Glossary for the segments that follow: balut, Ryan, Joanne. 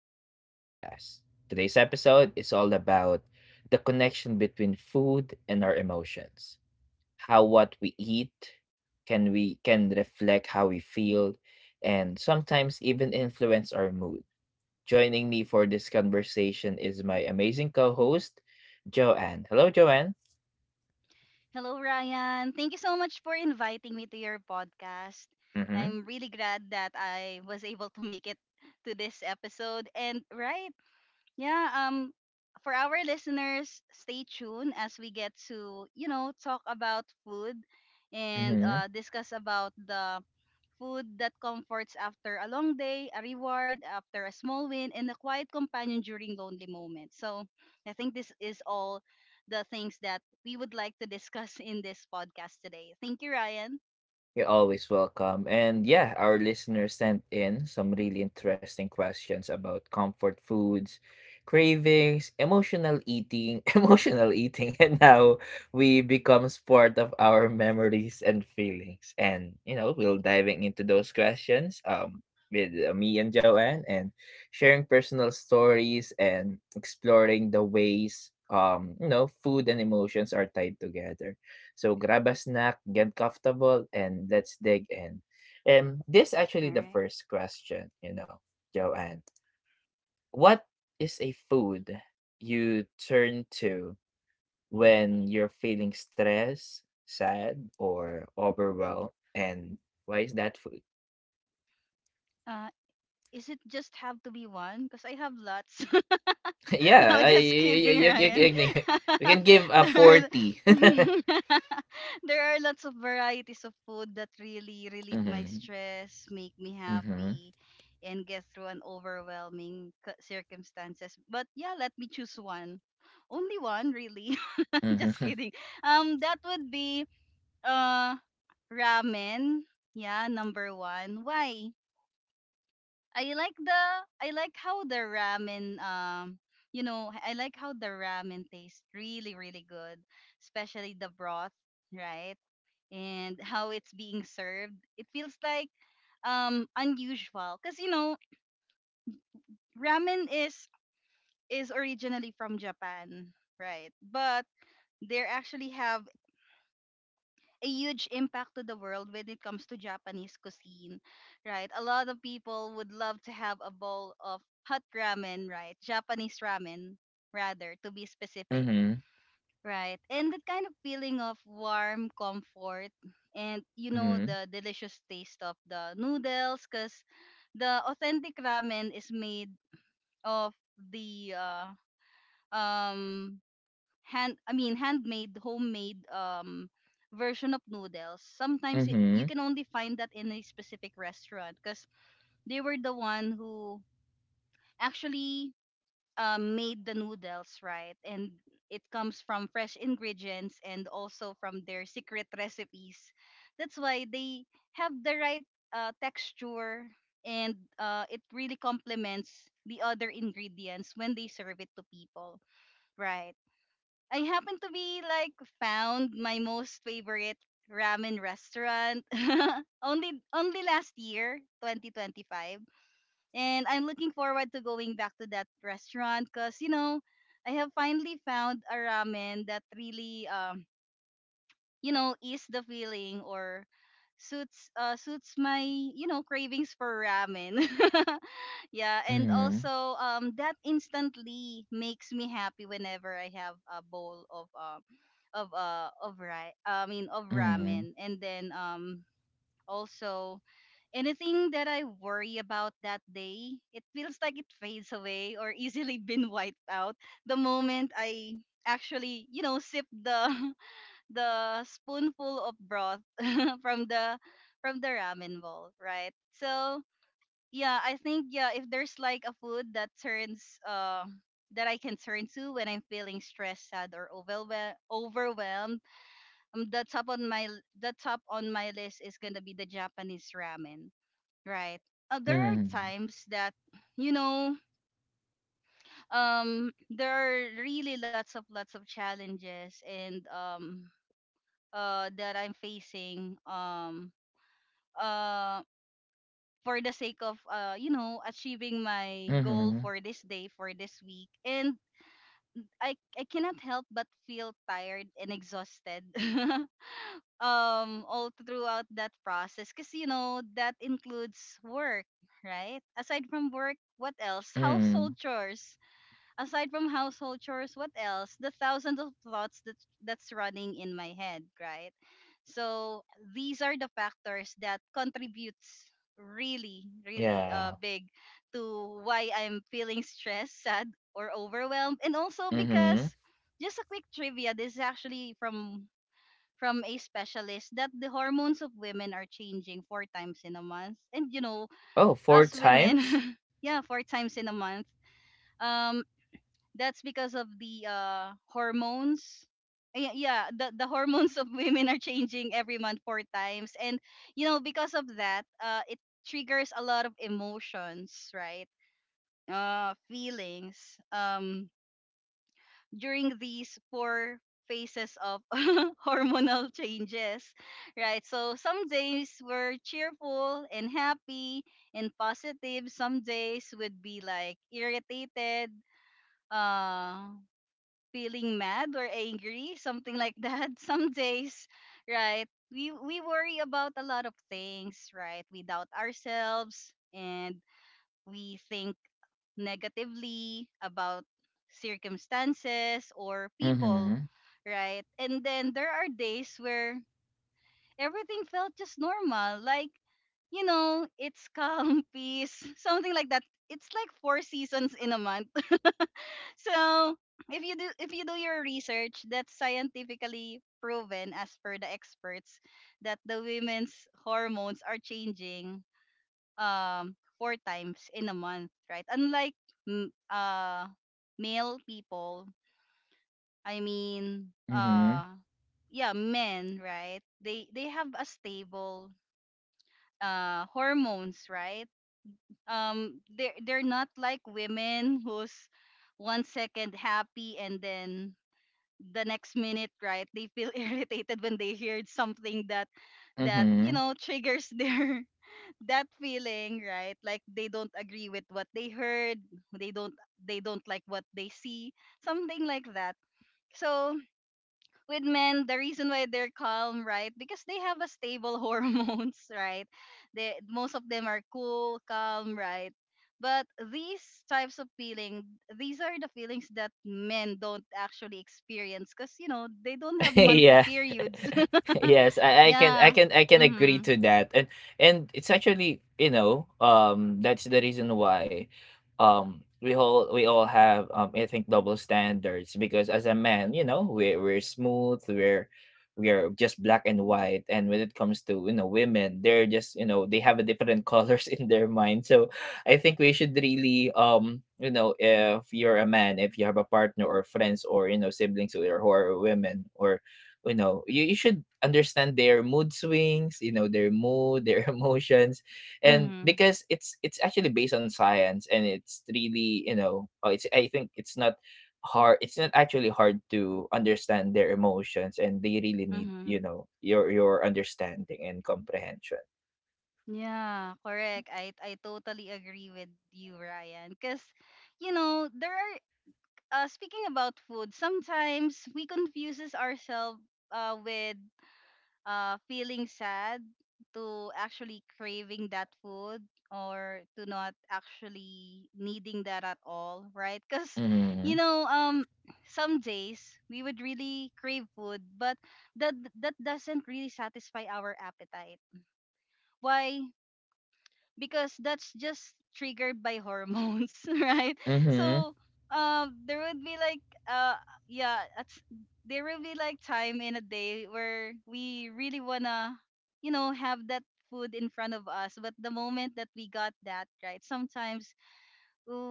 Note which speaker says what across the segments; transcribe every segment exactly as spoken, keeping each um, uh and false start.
Speaker 1: back to the podcast. Today's episode is all about the connection between food and our emotions. How what we eat can we can reflect how we feel and sometimes even influence our mood. Joining me for this conversation is my amazing co-host, Joanne. Hello Joanne.
Speaker 2: Hello, Ryan. Thank you so much for inviting me to your podcast.
Speaker 1: Mhm.
Speaker 2: I'm really glad that I was able to make it to this episode. And right, yeah, um, for our listeners, stay tuned as we get to, you know, talk about food and uh, discuss about the food that comforts after a long day, a reward after a small win, and a quiet companion during lonely moments. So I think this is all the things that we would like to discuss in this podcast today. Thank you, Ryan.
Speaker 1: You're always welcome. And yeah, our listeners sent in some really interesting questions about comfort foods, cravings, emotional eating, emotional eating, and how we becomes part of our memories and feelings. And you know, we'll diving into those questions um with uh, me and Joanne and sharing personal stories and exploring the ways um you know food and emotions are tied together. So grab a snack, get comfortable, and let's dig in. And this
Speaker 2: All
Speaker 1: actually the
Speaker 2: right.
Speaker 1: first question, you know, Joanne. What is a food you turn to when you're feeling stressed, sad, or overwhelmed? And why is that food?
Speaker 2: Uh, is it just have to be one? Because I have lots. No,
Speaker 1: yeah, I,
Speaker 2: just
Speaker 1: you,
Speaker 2: kidding,
Speaker 1: you, you,
Speaker 2: Ryan.
Speaker 1: you, You can give a
Speaker 2: there, are,
Speaker 1: forty.
Speaker 2: there are lots of varieties of food that really relieve my
Speaker 1: Mm-hmm,
Speaker 2: stress, make me
Speaker 1: mm-hmm,
Speaker 2: happy, and get through an overwhelming c- circumstances. But yeah, let me choose one. Only one, really. just
Speaker 1: mm-hmm,
Speaker 2: kidding. Um, that would be uh ramen. Yeah, number one. Why? I like the I like how the ramen um you know I like how the ramen tastes really really good, especially the broth, right? And how it's being served. It feels like um unusual cuz you know ramen is is originally from Japan, right? But they actually have a huge impact to the world when it comes to Japanese cuisine, right? A lot of people would love to have a bowl of hot ramen, right? Japanese ramen, rather, to be specific,
Speaker 1: mm-hmm,
Speaker 2: right? And that kind of feeling of warm comfort and, you know,
Speaker 1: mm-hmm,
Speaker 2: the delicious taste of the noodles, because the authentic ramen is made of the uh, um hand I mean handmade homemade um version of noodles. Sometimes it, you
Speaker 1: mm-hmm,
Speaker 2: can only find that in a specific restaurant because they were the one who actually um, made the noodles, right, and it comes from fresh ingredients and also from their secret recipes. That's why they have the right uh, texture and uh, it really complements the other ingredients when they serve it to people, right? I happen to be like found my most favorite ramen restaurant only only last year twenty twenty-five, and I'm looking forward to going back to that restaurant because you know I have finally found a ramen that really um you know is the feeling or suits uh suits my you know cravings for ramen. Yeah, and
Speaker 1: mm-hmm,
Speaker 2: also um that instantly makes me happy whenever I have a bowl of um of uh of ri- I mean of
Speaker 1: mm-hmm.
Speaker 2: ramen. And then um also anything that I worry about that day, it feels like it fades away or easily been wiped out the moment I actually, you know, sip the the spoonful of broth from the from the ramen bowl, right? So yeah, I think, yeah, if there's like a food that turns uh that I can turn to when I'm feeling stressed, sad, or overwhelmed, overwhelmed, um, the top on my l- the top on my list is gonna be the Japanese ramen, right? Uh, there are
Speaker 1: Mm-hmm.
Speaker 2: times that you know um there are really lots of lots of challenges, and um uh that I'm facing um um for the sake of uh you know achieving my goal
Speaker 1: Mhm.
Speaker 2: for this day, for this week, and i i cannot help but feel tired and exhausted um all throughout that process, because you know that includes work. Right, aside from work, what else?
Speaker 1: Mm.
Speaker 2: Household chores. Aside from household chores, what else? The thousands of thoughts that that's running in my head, right? So these are the factors that contributes really, really
Speaker 1: Yeah.
Speaker 2: uh, big to why I'm feeling stressed, sad, or overwhelmed. And also,
Speaker 1: Mhm.
Speaker 2: because, just a quick trivia, this is actually from from a specialist that the hormones of women are changing four times in a month. And you know,
Speaker 1: Oh, four
Speaker 2: us women,
Speaker 1: times?
Speaker 2: yeah, four times in a month. Um, that's because of the uh hormones. Yeah, yeah, the the hormones of women are changing every month four times, and you know because of that, uh, it triggers a lot of emotions, right? Uh, feelings. Um, During these four phases of hormonal changes, right? So some days we're cheerful and happy and positive. Some days would be like irritated, uh feeling mad or angry, something like that. Some days, right? We we worry about a lot of things, right? We doubt ourselves and we think negatively about circumstances or people,
Speaker 1: Mhm.
Speaker 2: right? And then there are days where everything felt just normal, like you know, it's calm, peace, something like that. It's like four seasons in a month. So if you do if you do your research, that's scientifically proven as per the experts that the women's hormones are changing um four times in a month, right? Unlike m- uh male people, I mean
Speaker 1: Mhm.
Speaker 2: uh yeah, men, right? They they have a stable uh hormones, right? Um they they're they're not like women who's one second happy and then the next minute, right, they feel irritated when they heard something that that you
Speaker 1: Mhm.
Speaker 2: know triggers their that feeling, right? Like they don't agree with what they heard, they don't they don't like what they see, something like that. So with men, the reason why they're calm, right? Because they have a stable hormones, right? They, most of them, are cool, calm, right? But these types of feeling, these are the feelings that men don't actually experience, because you know they don't have
Speaker 1: Yeah.
Speaker 2: monthly periods.
Speaker 1: Yes, I I can I
Speaker 2: Yeah.
Speaker 1: can I can agree
Speaker 2: Mhm.
Speaker 1: to that. And and it's actually, you know, um, that's the reason why, um, we all we all have, um, I think double standards because as a man, you know, we're we're smooth, we're we're just black and white. And when it comes to, you know, women, they're just, you know, they have a different colors in their mind. So I think we should really um you know if you're a man, if you have a partner or friends or you know siblings who are, who are women or you know you, you should understand their mood swings, you know their mood, their emotions, and
Speaker 2: Mhm.
Speaker 1: because it's it's actually based on science and it's really you know uh, it's I think it's not hard it's not actually hard to understand their emotions and they really need
Speaker 2: Mhm.
Speaker 1: you know your your understanding and comprehension.
Speaker 2: Yeah, correct. I I totally agree with you, Ryan. Because you know there are uh, speaking about food, sometimes we confuses ourselves uh, with uh, feeling sad, to actually craving that food, or to not actually needing that at all, right? Because
Speaker 1: Mhm.
Speaker 2: you know, um, some days we would really crave food, but that that doesn't really satisfy our appetite. Why? because that's just triggered by hormones, right?
Speaker 1: Mhm.
Speaker 2: So um, there would be like uh yeah, at- there will be like time in a day where we really wanna you know have that food in front of us, but the moment that we got that, right, sometimes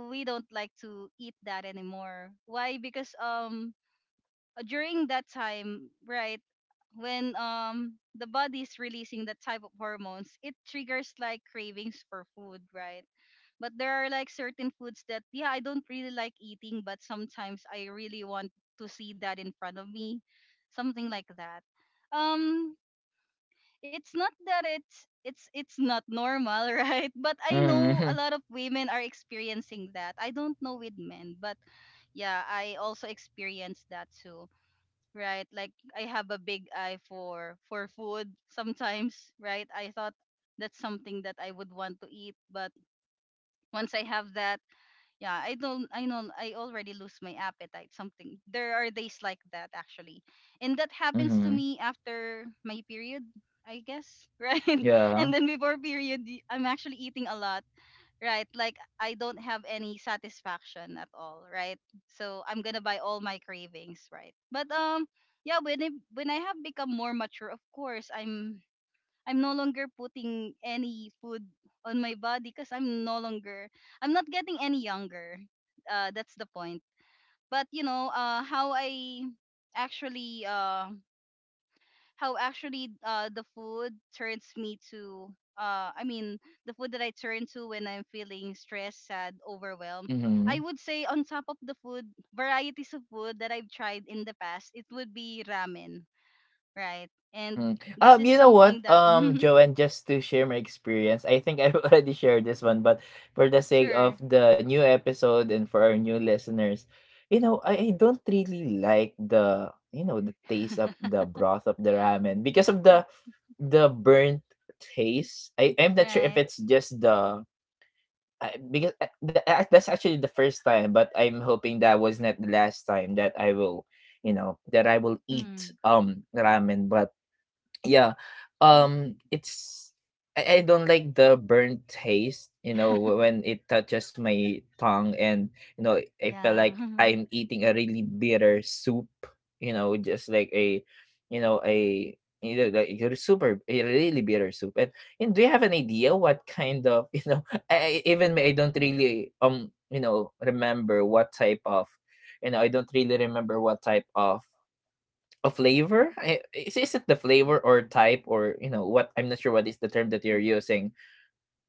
Speaker 2: we don't like to eat that anymore. Why? Because um uh, during that time, right, when um the body is releasing that type of hormones, it triggers like cravings for food, right? But there are like certain foods that, yeah, I don't really like eating, but sometimes I really want to see that in front of me, something like that. Um, it's not that it's it's it's not normal, right? But I know a
Speaker 1: Mhm.
Speaker 2: lot of women are experiencing that. I don't know with men, but yeah, I also experienced that too, right? Like I have a big eye for for food sometimes, right? I thought that's something that I would want to eat, but once I have that, yeah, I don't I know I already lose my appetite, something. There are days like that actually. And that happens to
Speaker 1: Mhm.
Speaker 2: me after my period, I guess, right? And
Speaker 1: Yeah.
Speaker 2: then before period, y- I'm actually eating a lot, right? Like I don't have any satisfaction at all, right? So I'm gonna buy all my cravings, right? But um yeah, when I, when I have become more mature, of course i'm I'm no longer putting any food on my body, because I'm no longer I'm not getting any younger. Uh that's the point. But you know uh how i actually uh how actually uh the food turns me to uh I mean, the food that I turn to when I'm feeling stressed, sad, overwhelmed.
Speaker 1: Mhm.
Speaker 2: I would say on top of the food varieties of food that I've tried in the past, it would be ramen, right? And
Speaker 1: Mm.
Speaker 2: this
Speaker 1: Um,
Speaker 2: is
Speaker 1: you know what,
Speaker 2: something that
Speaker 1: um, Joanne, just to share my experience, I think I've already shared this one, but for the sake of
Speaker 2: Sure.
Speaker 1: the new episode and for our new listeners, you know, I, I don't really like the you know the taste of the broth of the ramen because of the the burnt taste. I I'm not sure if
Speaker 2: Right.
Speaker 1: it's just the I, because uh, the, uh, that's actually the first time, but I'm hoping that was not the last time that I will, you know, that I will eat
Speaker 2: Mm.
Speaker 1: um ramen, but yeah um it's I, I don't like the burnt taste you know wh- when it touches my tongue and you know I feel
Speaker 2: Yeah.
Speaker 1: like I'm eating a really bitter soup, you know, just like a you know a you know, like your super a really bitter soup and, and do you have an idea what kind of you know I, I- even me, I don't really um you know remember what type of you know I don't really remember what type of a flavor? I- Is, is it the flavor or type or you know what? I'm not sure what is the term that you're using.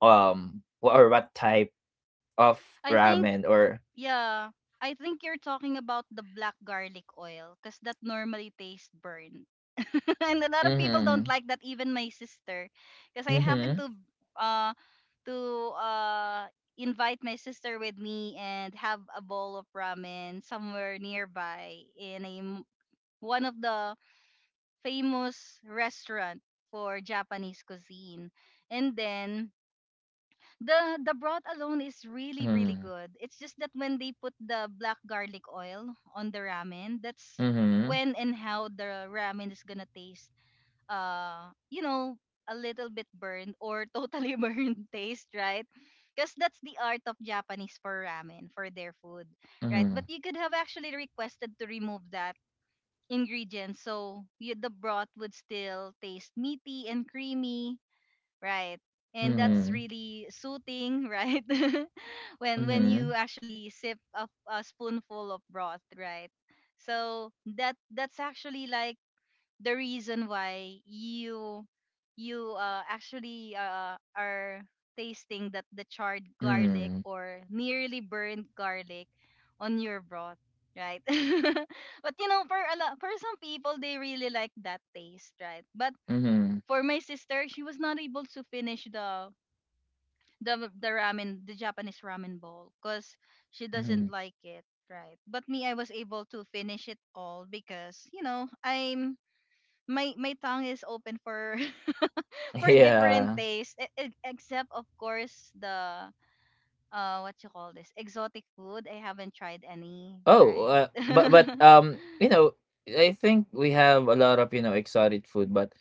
Speaker 1: Um, wh- or what type of
Speaker 2: I
Speaker 1: ramen
Speaker 2: think
Speaker 1: or?
Speaker 2: Yeah, I think you're talking about the black garlic oil, because that normally tastes burnt. And a lot of people don't
Speaker 1: Mm-hmm.
Speaker 2: like that, even my sister. Because I happened
Speaker 1: Mm-hmm.
Speaker 2: to uh to uh invite my sister with me and have a bowl of ramen somewhere nearby, in a m- one of the famous restaurant for Japanese cuisine. And then the the broth alone is really really
Speaker 1: Mm-hmm.
Speaker 2: good. It's just that when they put the black garlic oil on the ramen, that's
Speaker 1: Mm-hmm.
Speaker 2: when and how the ramen is gonna taste. Uh, you know, a little bit burned, or totally burned taste, right? Because that's the art of Japanese for ramen, for their food, right?
Speaker 1: Mm-hmm.
Speaker 2: But you could have actually requested to remove that ingredient, so you, the broth would still taste meaty and creamy, right? And that's
Speaker 1: Mm-hmm.
Speaker 2: really soothing, right? when when
Speaker 1: Mm-hmm.
Speaker 2: you actually sip a, a spoonful of broth, right? So that that's actually like the reason why you you uh, actually uh, are tasting that the charred garlic
Speaker 1: Mm-hmm.
Speaker 2: or nearly burned garlic on your broth, right? But you know, for a lot, for some people, they really like that taste, right? But
Speaker 1: Mm-hmm.
Speaker 2: for my sister, she was not able to finish the the the ramen, the Japanese ramen bowl, cause she
Speaker 1: Mm-hmm.
Speaker 2: doesn't like it, right? But me, I was able to finish it all because you know I'm my my tongue is open for for different
Speaker 1: Yeah.
Speaker 2: tastes, e- e- except of course the uh what you call this exotic food. I haven't tried any,
Speaker 1: Oh,
Speaker 2: right?
Speaker 1: uh, but but um, you know, I think we have a lot of you know exotic food, but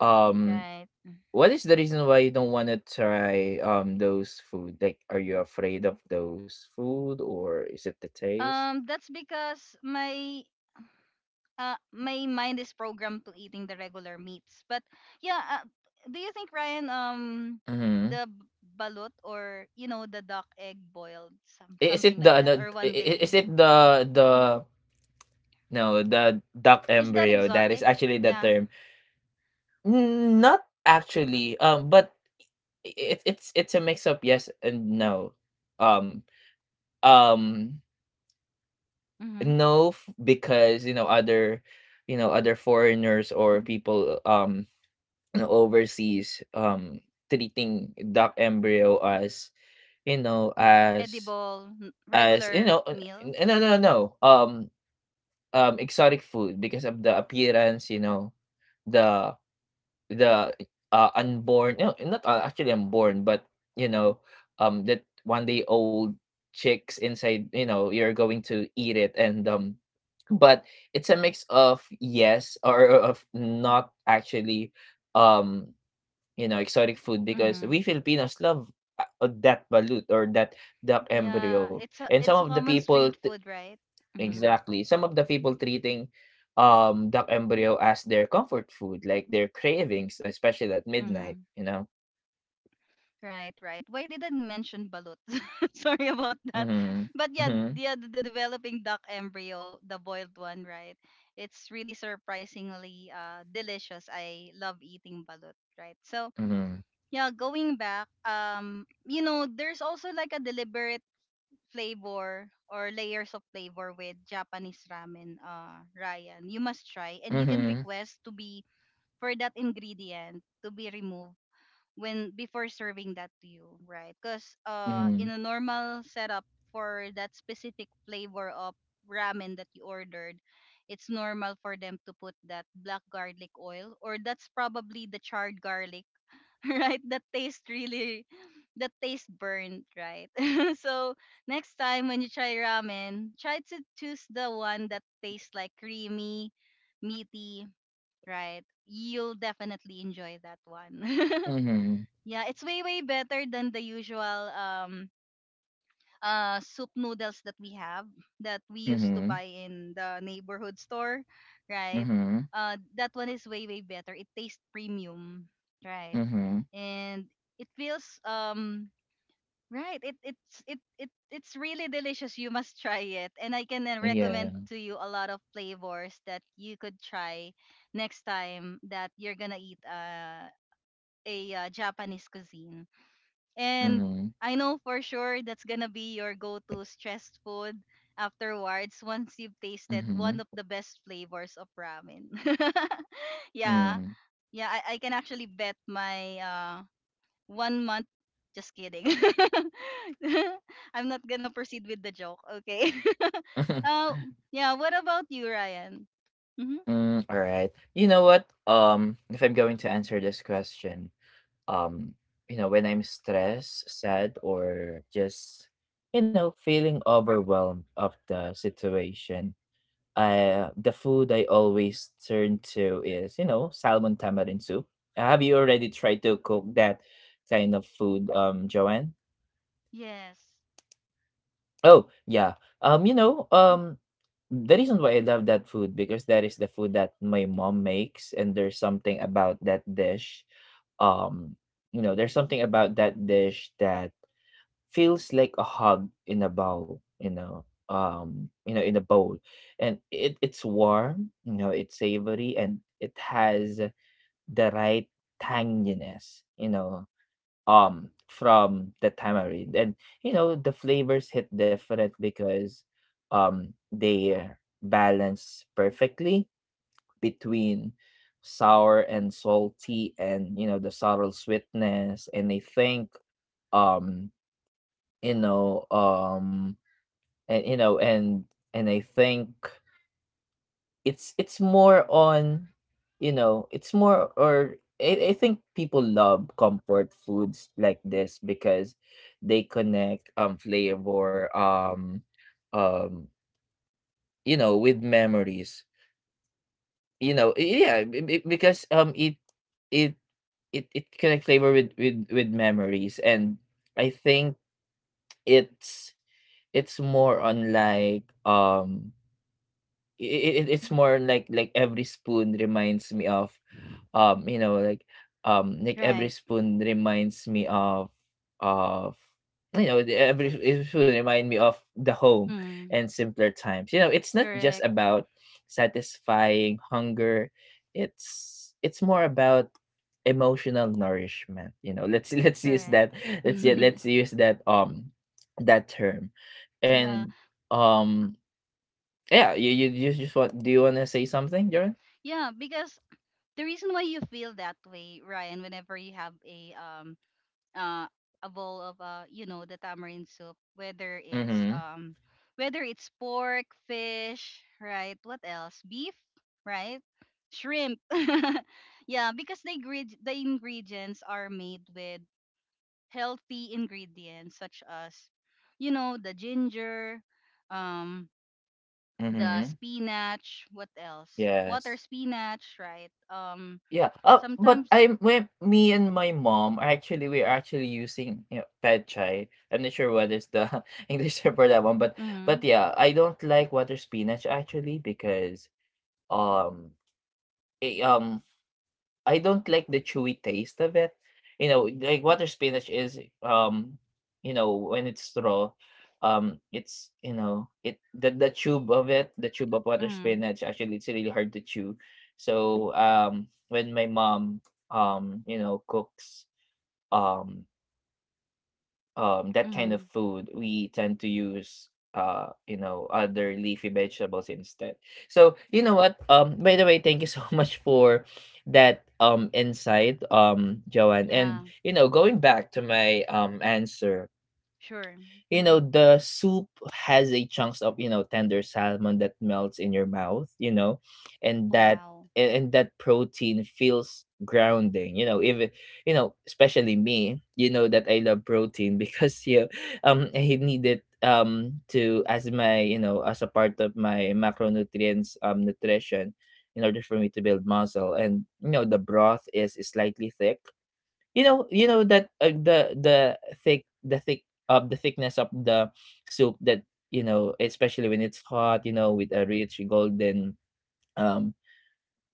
Speaker 1: um
Speaker 2: Right.
Speaker 1: what is the reason why you don't wanna try, um, those food? Like, are you afraid of those food or is it the taste?
Speaker 2: Um, that's because my uh, my mind is programmed to eating the regular meats. But yeah, uh, do you think Ryan, um,
Speaker 1: Mhm.
Speaker 2: the b- balut or you know the duck egg boiled, some
Speaker 1: is it
Speaker 2: something
Speaker 1: the
Speaker 2: like
Speaker 1: ano
Speaker 2: that, or
Speaker 1: I
Speaker 2: one
Speaker 1: I
Speaker 2: day,
Speaker 1: is it the the No, the duck
Speaker 2: is that
Speaker 1: embryo, that is
Speaker 2: exotic?
Speaker 1: actually the
Speaker 2: Yeah.
Speaker 1: term. N not actually, um, but it it's it's it's a mix of yes and no. Um um,
Speaker 2: Mm-hmm.
Speaker 1: no f because, you know, other you know, other foreigners or people, um, overseas um treating duck embryo as you know as
Speaker 2: Edible, n-
Speaker 1: as you
Speaker 2: regular
Speaker 1: know uh,
Speaker 2: meal.
Speaker 1: n- no no
Speaker 2: Mm-hmm.
Speaker 1: no um um exotic food because of the appearance you know the the uh unborn no not uh, actually unborn but you know um that one day old chicks inside you know you're going to eat it and um but it's a mix of yes or of not actually um you know, exotic food because
Speaker 2: Mm-hmm.
Speaker 1: we Filipinos love, uh, uh, that balut or that duck
Speaker 2: Yeah,
Speaker 1: embryo,
Speaker 2: it's a
Speaker 1: and some
Speaker 2: it's a
Speaker 1: of the
Speaker 2: common
Speaker 1: people
Speaker 2: street
Speaker 1: t
Speaker 2: food, right? Mm-hmm.
Speaker 1: exactly, some of the people treating, um, duck embryo as their comfort food, like their cravings, especially at midnight,
Speaker 2: Mm-hmm.
Speaker 1: you know?
Speaker 2: Right, right. Why did I mention balut? Sorry about that.
Speaker 1: Mhm,
Speaker 2: But yeah,
Speaker 1: mhm,
Speaker 2: yeah, the, the developing duck embryo, the boiled one, right? It's really surprisingly uh, delicious. I love eating balut, right? So
Speaker 1: mhm,
Speaker 2: yeah, going back, um, you know, there's also like a deliberate flavor or layers of flavor with Japanese ramen, uh, Ryan. You must try, and you can
Speaker 1: mhm,
Speaker 2: request to be for that ingredient to be removed when before serving that to you, right? Because uh,
Speaker 1: mhm,
Speaker 2: in a normal setup for that specific flavor of ramen that you ordered, it's normal for them to put that black garlic oil, or that's probably the charred garlic, right? That taste really, that taste burnt, right? So next time when you try ramen, try to choose the one that tastes like creamy, meaty, right? You'll definitely enjoy that one.
Speaker 1: mhm,
Speaker 2: Yeah, it's way way better than the usual um uh soup noodles that we have that we used to
Speaker 1: mhm,
Speaker 2: buy in the neighborhood store, right?
Speaker 1: mhm,
Speaker 2: Uh that one is way way better. It tastes premium, right?
Speaker 1: mhm,
Speaker 2: And it feels um right, it it's it it it's really delicious. You must try it. And I can uh,
Speaker 1: yeah,
Speaker 2: recommend to you a lot of flavors that you could try next time that you're going to eat uh, a uh, Japanese cuisine and
Speaker 1: mhm,
Speaker 2: I know for sure that's gonna be your go-to stress food afterwards once you've tasted
Speaker 1: mhm,
Speaker 2: one of the best flavors of ramen. Yeah.
Speaker 1: mm.
Speaker 2: Yeah, I, I can actually bet my uh one month, just kidding. I'm not gonna proceed with the joke, okay? uh, yeah, what about you, Ryan? Mm-hmm.
Speaker 1: Mm, all right. You know what? Um, if I'm going to answer this question, um, you know, when I'm stressed, sad, or just, you know, feeling overwhelmed of the situation, uh, the food I always turn to is, you know, salmon tamarind soup. Have you already tried to cook that kind of food, um, Joanne?
Speaker 2: Yes.
Speaker 1: Oh, yeah. Um, you know, Mm, um, the reason why I love that food because that is the food that my mom makes and there's something about that dish. Um, you know, there's something about that dish that feels like a hug in a bowl, you know. Um, you know, in a bowl. And it it's warm, you know, it's savory and it has the right tanginess, you know, um from the tamarind and you know the flavors hit different because um they balance perfectly between sour and salty and you know the subtle sweetness and I think um you know um and you know and and I think it's it's more on, you know, it's more or I I think people love comfort foods like this because they connect um flavor um um you know with memories. You know, yeah, be- be- because um it it it it connect flavor with with with memories and I think it's it's more on like um it, it, it's
Speaker 2: Mhm.
Speaker 1: more like like every spoon reminds me of. Um, you know, like, um, like
Speaker 2: Right.
Speaker 1: every spoon reminds me of of you know the- every every spoon remind me of the home
Speaker 2: Mm,
Speaker 1: and simpler times. You know, it's not just
Speaker 2: correct.
Speaker 1: about satisfying hunger. It's it's more about emotional nourishment. You know, let's let's use
Speaker 2: Correct.
Speaker 1: that let's u- let's use that um that term
Speaker 2: Yeah.
Speaker 1: and um yeah you you just just want do you want to say something Jaron?
Speaker 2: Yeah, because the reason why you feel that way, Ryan, whenever you have a um uh a bowl of uh you know the tamarind soup, whether it's
Speaker 1: Mm-hmm,
Speaker 2: um whether it's pork, fish, right? What else? Beef, right? Shrimp. Yeah, because the ingred- the ingredients are made with healthy ingredients such as you know the ginger, um the
Speaker 1: mm-hmm,
Speaker 2: spinach, what else? Water
Speaker 1: yes.
Speaker 2: spinach, right? Um,
Speaker 1: Yeah. Uh, but
Speaker 2: sometimes.
Speaker 1: I'm when me and my mom are actually we're actually using you know, pad chai. I'm not sure what is the English term for that one, but
Speaker 2: Mm-hmm.
Speaker 1: but yeah, I don't like water spinach actually because um it, um I don't like the chewy taste of it. You know, like water spinach is um, you know, when it's raw, um, it's you know, it the the tube of it, the tube of water
Speaker 2: Mm-hmm.
Speaker 1: spinach, actually it's really hard to chew. So um when my mom um, you know, cooks um um that kind of
Speaker 2: Mm-hmm.
Speaker 1: food we tend to use uh you know other leafy vegetables instead. So you know what um by the way thank you so much for that um insight um Joanne, and
Speaker 2: Yeah,
Speaker 1: you know going back to my um answer,
Speaker 2: sure.
Speaker 1: you know
Speaker 2: Mm-hmm.
Speaker 1: the soup has a chunks of you know tender salmon that melts in your mouth, you know, and
Speaker 2: Oh
Speaker 1: that
Speaker 2: wow.
Speaker 1: and, and that protein feels grounding you know even you know especially me you know that I love protein because you know, um I need it um to as my you know as a part of my macronutrients um nutrition in order for me to build muscle, and you know the broth is slightly thick, you know you know that, uh, the the thick the thick of the thickness of the soup that, you know, especially when it's hot, you know, with a rich golden, um,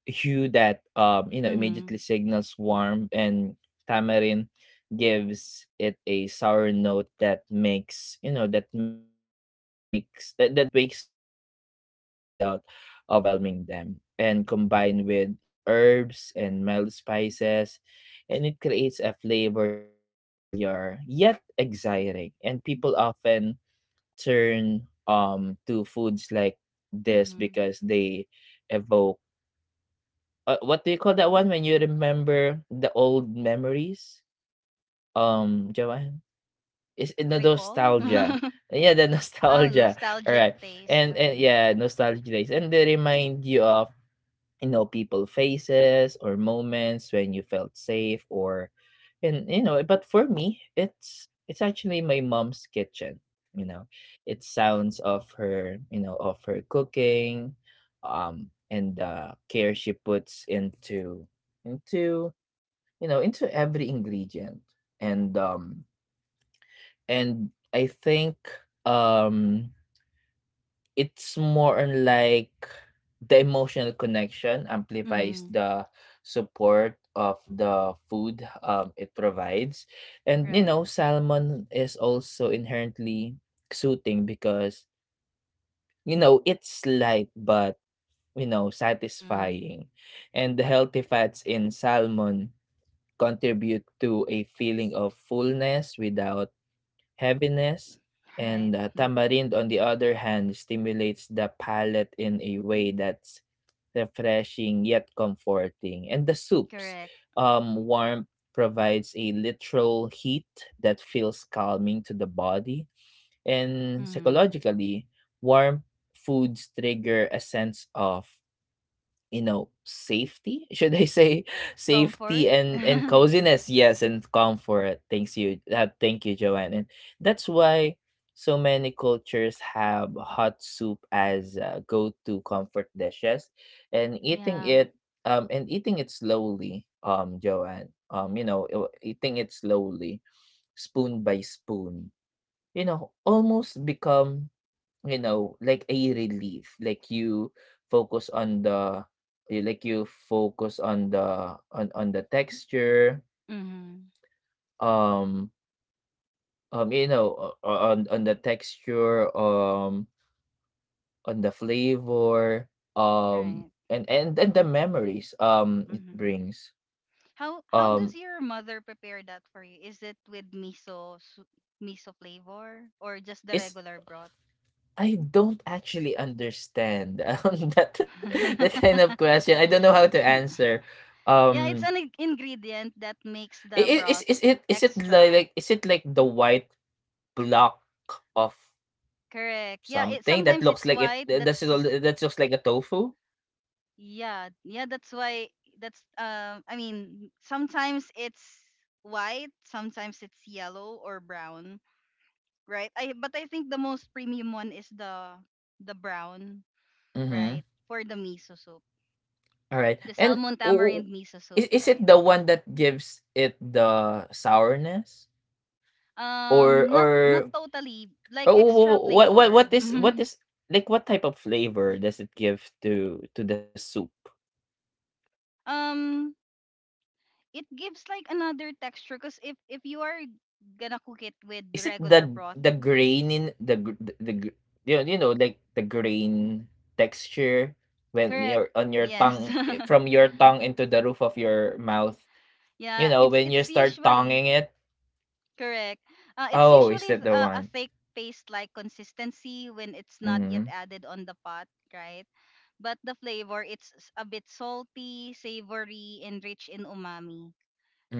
Speaker 1: hue that um you know
Speaker 2: Mm-hmm.
Speaker 1: immediately signals warmth, and tamarind gives it a sour note that makes you know that makes that, that, that wakes up the senses without overwhelming them, and combined with aromatic herbs and mild spices, and it creates a flavor that's familiar yet exciting, and people often turn um to foods like this
Speaker 2: Mm-hmm.
Speaker 1: because they evoke uh, what do you call that one when you remember the old memories? Um, Joanne, is it the
Speaker 2: Recall?
Speaker 1: nostalgia? Yeah, the
Speaker 2: Oh,
Speaker 1: nostalgia. All
Speaker 2: nostalgic
Speaker 1: right,
Speaker 2: taste.
Speaker 1: and and
Speaker 2: Um,
Speaker 1: yeah, nostalgia days, and they remind you of you know people faces or moments when you felt safe or and you know but for me it's it's actually my mom's kitchen, you know it sounds of her, you know of her cooking, um and the care she puts into into, you know into every ingredient. And um and I think um it's more on like the emotional connection amplifies
Speaker 2: mm-hmm.
Speaker 1: the support of the food um, it provides. And, you
Speaker 2: Right.
Speaker 1: know, salmon is also inherently soothing because, you know, it's light but, you know,
Speaker 2: Mm-hmm.
Speaker 1: satisfying. And the healthy fats in salmon contribute to a feeling of fullness without heaviness,
Speaker 2: Right.
Speaker 1: and uh, tamarind, on the other hand, stimulates the palate in a way that's refreshing yet comforting. And the soup's
Speaker 2: Correct.
Speaker 1: um, warmth provides a literal heat that feels calming to the body. And
Speaker 2: Mm-hmm.
Speaker 1: psychologically, warm foods trigger a sense of, you know safety, should I say safety
Speaker 2: Comfort?
Speaker 1: and and
Speaker 2: Yeah.
Speaker 1: coziness, yes, and comfort. Thanks you, uh, thank you, Joanne. And that's why so many cultures have hot soup as uh, go-to comfort dishes, and eating
Speaker 2: Yeah.
Speaker 1: it um and eating it slowly, um Joanne, um you know uh, eating it slowly, spoon by spoon, you know almost become, you know, like a relief, like you focus on the you like you focus on the on on the texture,
Speaker 2: Mm-hmm.
Speaker 1: um um you know o- o- on on the texture, um on the flavor, um
Speaker 2: Right.
Speaker 1: and and and the memories um it
Speaker 2: Mm-hmm.
Speaker 1: brings.
Speaker 2: How how does
Speaker 1: Um
Speaker 2: your mother prepare that for you? Is it with miso su- miso flavor or just the
Speaker 1: is
Speaker 2: regular broth?
Speaker 1: I don't actually understand um, that that kind of question. I don't know how to answer.
Speaker 2: Yeah, it's
Speaker 1: Um
Speaker 2: an ing- ingredient that makes the
Speaker 1: I- Is
Speaker 2: broth
Speaker 1: is it is it li-
Speaker 2: extra.
Speaker 1: like, is it like the white block of
Speaker 2: Correct. Yeah, it
Speaker 1: something that
Speaker 2: sometimes
Speaker 1: looks
Speaker 2: it's
Speaker 1: like it,
Speaker 2: white.
Speaker 1: that's all-
Speaker 2: That's
Speaker 1: that looks like a tofu?
Speaker 2: yeah, yeah, that's why that's um, I mean, sometimes it's white, sometimes it's yellow or brown, right? I but I think the most premium one is the the brown,
Speaker 1: Mm-hmm.
Speaker 2: right? For the miso soup.
Speaker 1: All right.
Speaker 2: The
Speaker 1: And
Speaker 2: salmon
Speaker 1: o-
Speaker 2: tamarind
Speaker 1: o-
Speaker 2: miso soup,
Speaker 1: is is it
Speaker 2: right?
Speaker 1: the one that gives it the sourness, or
Speaker 2: Um, not not
Speaker 1: or
Speaker 2: totally like
Speaker 1: oh,
Speaker 2: extra
Speaker 1: what what
Speaker 2: flavor.
Speaker 1: what is what is like, what type of flavor does it give to to the soup?
Speaker 2: Um, it gives like another texture because if if you are gonna cook it with
Speaker 1: Is it
Speaker 2: regular
Speaker 1: the
Speaker 2: broth,
Speaker 1: the grain in the gr- the, the gr- you know, you know like the grain texture when
Speaker 2: correct,
Speaker 1: you're on your
Speaker 2: yes.
Speaker 1: tongue, eh, from your tongue into the roof of your mouth. You
Speaker 2: Yeah,
Speaker 1: know,
Speaker 2: it's
Speaker 1: when you
Speaker 2: it's
Speaker 1: start
Speaker 2: usually
Speaker 1: tonguing it.
Speaker 2: correct, uh, it's
Speaker 1: Oh, is
Speaker 2: usually
Speaker 1: that
Speaker 2: th-
Speaker 1: the
Speaker 2: uh, a
Speaker 1: one?
Speaker 2: thick paste like consistency when it's not yet
Speaker 1: Mm-hmm.
Speaker 2: added on the pot, right? But the flavor, it's s- a bit salty, savory and rich in umami,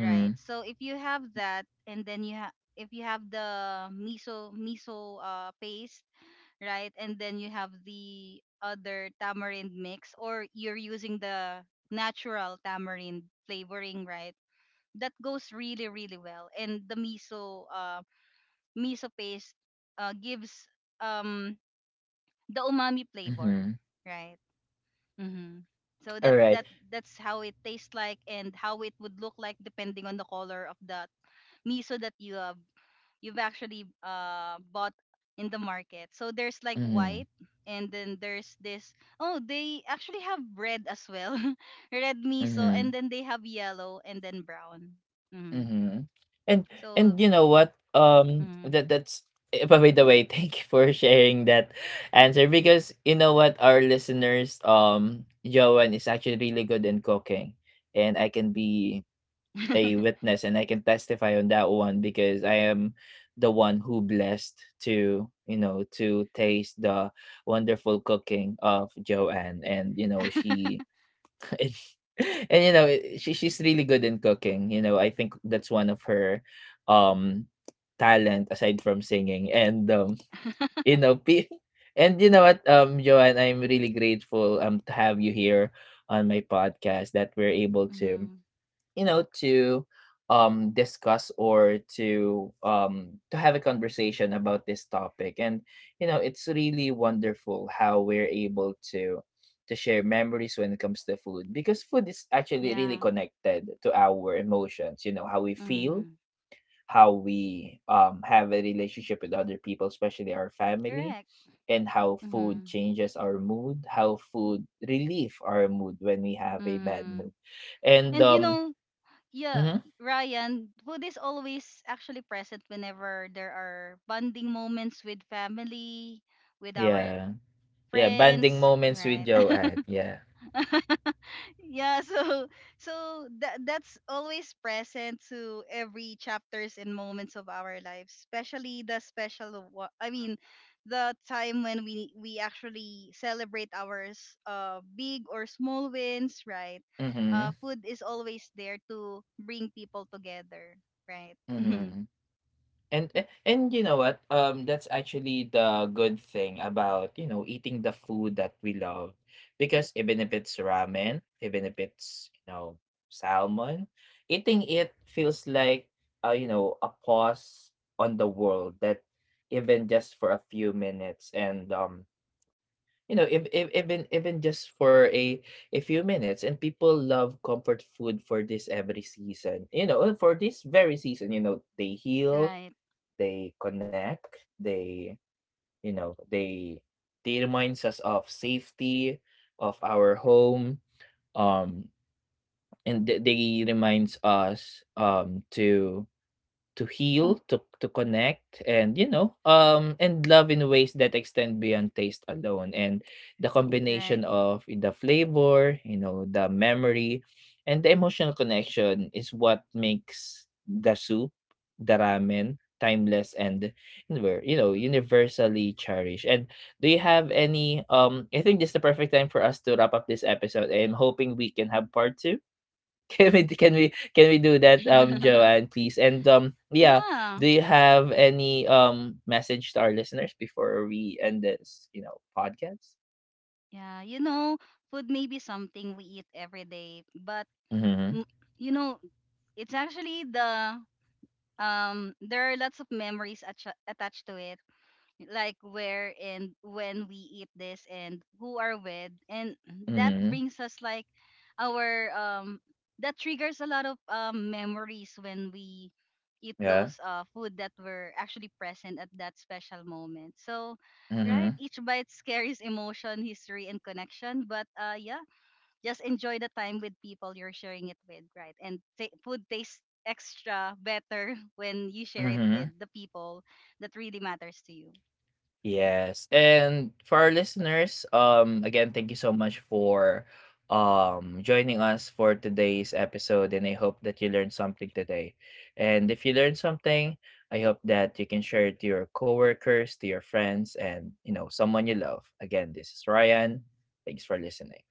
Speaker 2: right? So if you have that and then you have if you have the miso miso uh, paste, right? And then you have the other tamarind mix, or you're using the natural tamarind flavoring, right? That goes really, really well. And the miso, uh, miso paste, uh, gives um the umami flavor,
Speaker 1: Mm-hmm.
Speaker 2: right? Mm-hmm. So that
Speaker 1: All right.
Speaker 2: that that's how it tastes like and how it would look like depending on the color of that miso that you have you've actually uh bought in the market. So there's like
Speaker 1: Mm-hmm.
Speaker 2: white and then there's this, oh they actually have red as well. Red miso
Speaker 1: Mm-hmm.
Speaker 2: and then they have yellow and then brown. Hmm.
Speaker 1: Mm-hmm. And and
Speaker 2: So,
Speaker 1: you know what? Um,
Speaker 2: mm.
Speaker 1: that that's. eh, But by the way, thank you for sharing that answer, because you know what, our listeners, um, Joan is actually really good in cooking, and I can be a witness and I can testify on that one, because I am the one who blessed to, you know to taste the wonderful cooking of Joanne. And you know she, and and you know, eh, she she's really good in cooking. You know, I think that's one of her, um, talent, aside from singing and, um, you know, pe and you know what, um, Joanne, I'm really grateful, um, to have you here on my podcast, that we're able to,
Speaker 2: Hmm.
Speaker 1: you know to um discuss, or to um to have a conversation about this topic. And you know, it's really wonderful how we're able to to share memories when it comes to food, because food is actually really
Speaker 2: Yeah.
Speaker 1: connected to our emotions, you know, how we feel,
Speaker 2: Hmm.
Speaker 1: how we, um have a relationship with other people, especially our family,
Speaker 2: Correct.
Speaker 1: and how food
Speaker 2: Hmm.
Speaker 1: changes our mood, how food relieve our mood when we have a bad
Speaker 2: Hmm.
Speaker 1: mood, and
Speaker 2: And you
Speaker 1: um
Speaker 2: know, yeah,
Speaker 1: mhm.
Speaker 2: Ryan, food is always actually present whenever there are bonding moments with family, with our
Speaker 1: Yeah, yeah,
Speaker 2: friends,
Speaker 1: bonding moments with
Speaker 2: right?
Speaker 1: Joanne, yeah.
Speaker 2: Yeah, so so that that's always present to every chapters and moments of our lives especially the special of, I mean, the time when we we actually celebrate our s- uh big or small wins, right? Uh
Speaker 1: Mhm.
Speaker 2: food is always there to bring people together, right? Mhm.
Speaker 1: Mhm. And a and you know what, um, that's actually the good thing about, you know, eating the food that we love, because even if it's ramen, even if it's, you know, salmon, eating it feels like, uh, you know, a pause on the world, that even just for a few minutes, and, um you know, if, if, even even just for a a few minutes. And people love comfort food for this every season, you know, and for this very season, you know, they heal,
Speaker 2: Right,
Speaker 1: they connect, they, you know they they reminds us of safety, of our home, um and th- they reminds us um to to heal, to to connect, and you know, um, and love in ways that extend beyond taste alone. And the combination
Speaker 2: right.
Speaker 1: of the flavor, you know, the memory, and the emotional connection is what makes the soup, the ramen, timeless and univer- you know, universally cherished. And do you have any? Um, I think this is the perfect time for us to wrap up this episode. I'm hoping we can have part two. Can we can we can we do that, um, Joanne, please? And um, yeah,
Speaker 2: Yeah,
Speaker 1: do you have any um message to our listeners before we end this, you know, podcast?
Speaker 2: yeah, you know, food may be something we eat every day, but
Speaker 1: Mm-hmm.
Speaker 2: m- you know, it's actually the, um, there are lots of memories atcha attached to it, like where and when we eat this and who are with, and that
Speaker 1: Mm-hmm.
Speaker 2: brings us like our, um, that triggers a lot of um, memories when we eat
Speaker 1: Yeah.
Speaker 2: those uh food that were actually present at that special moment. So
Speaker 1: Mm-hmm.
Speaker 2: right, each bite carries emotion, history and connection, but uh yeah, just enjoy the time with people you're sharing it with, right? And ta- food tastes extra better when you share it with
Speaker 1: Mm-hmm.
Speaker 2: the people that really matters to you.
Speaker 1: Yes. And for our listeners, um again, thank you so much for um joining us for today's episode, and I hope that you learned something today. And if you learned something, I hope that you can share it to your coworkers, to your friends, and, you know, someone you love. Again, this is Ryan. Thanks for listening.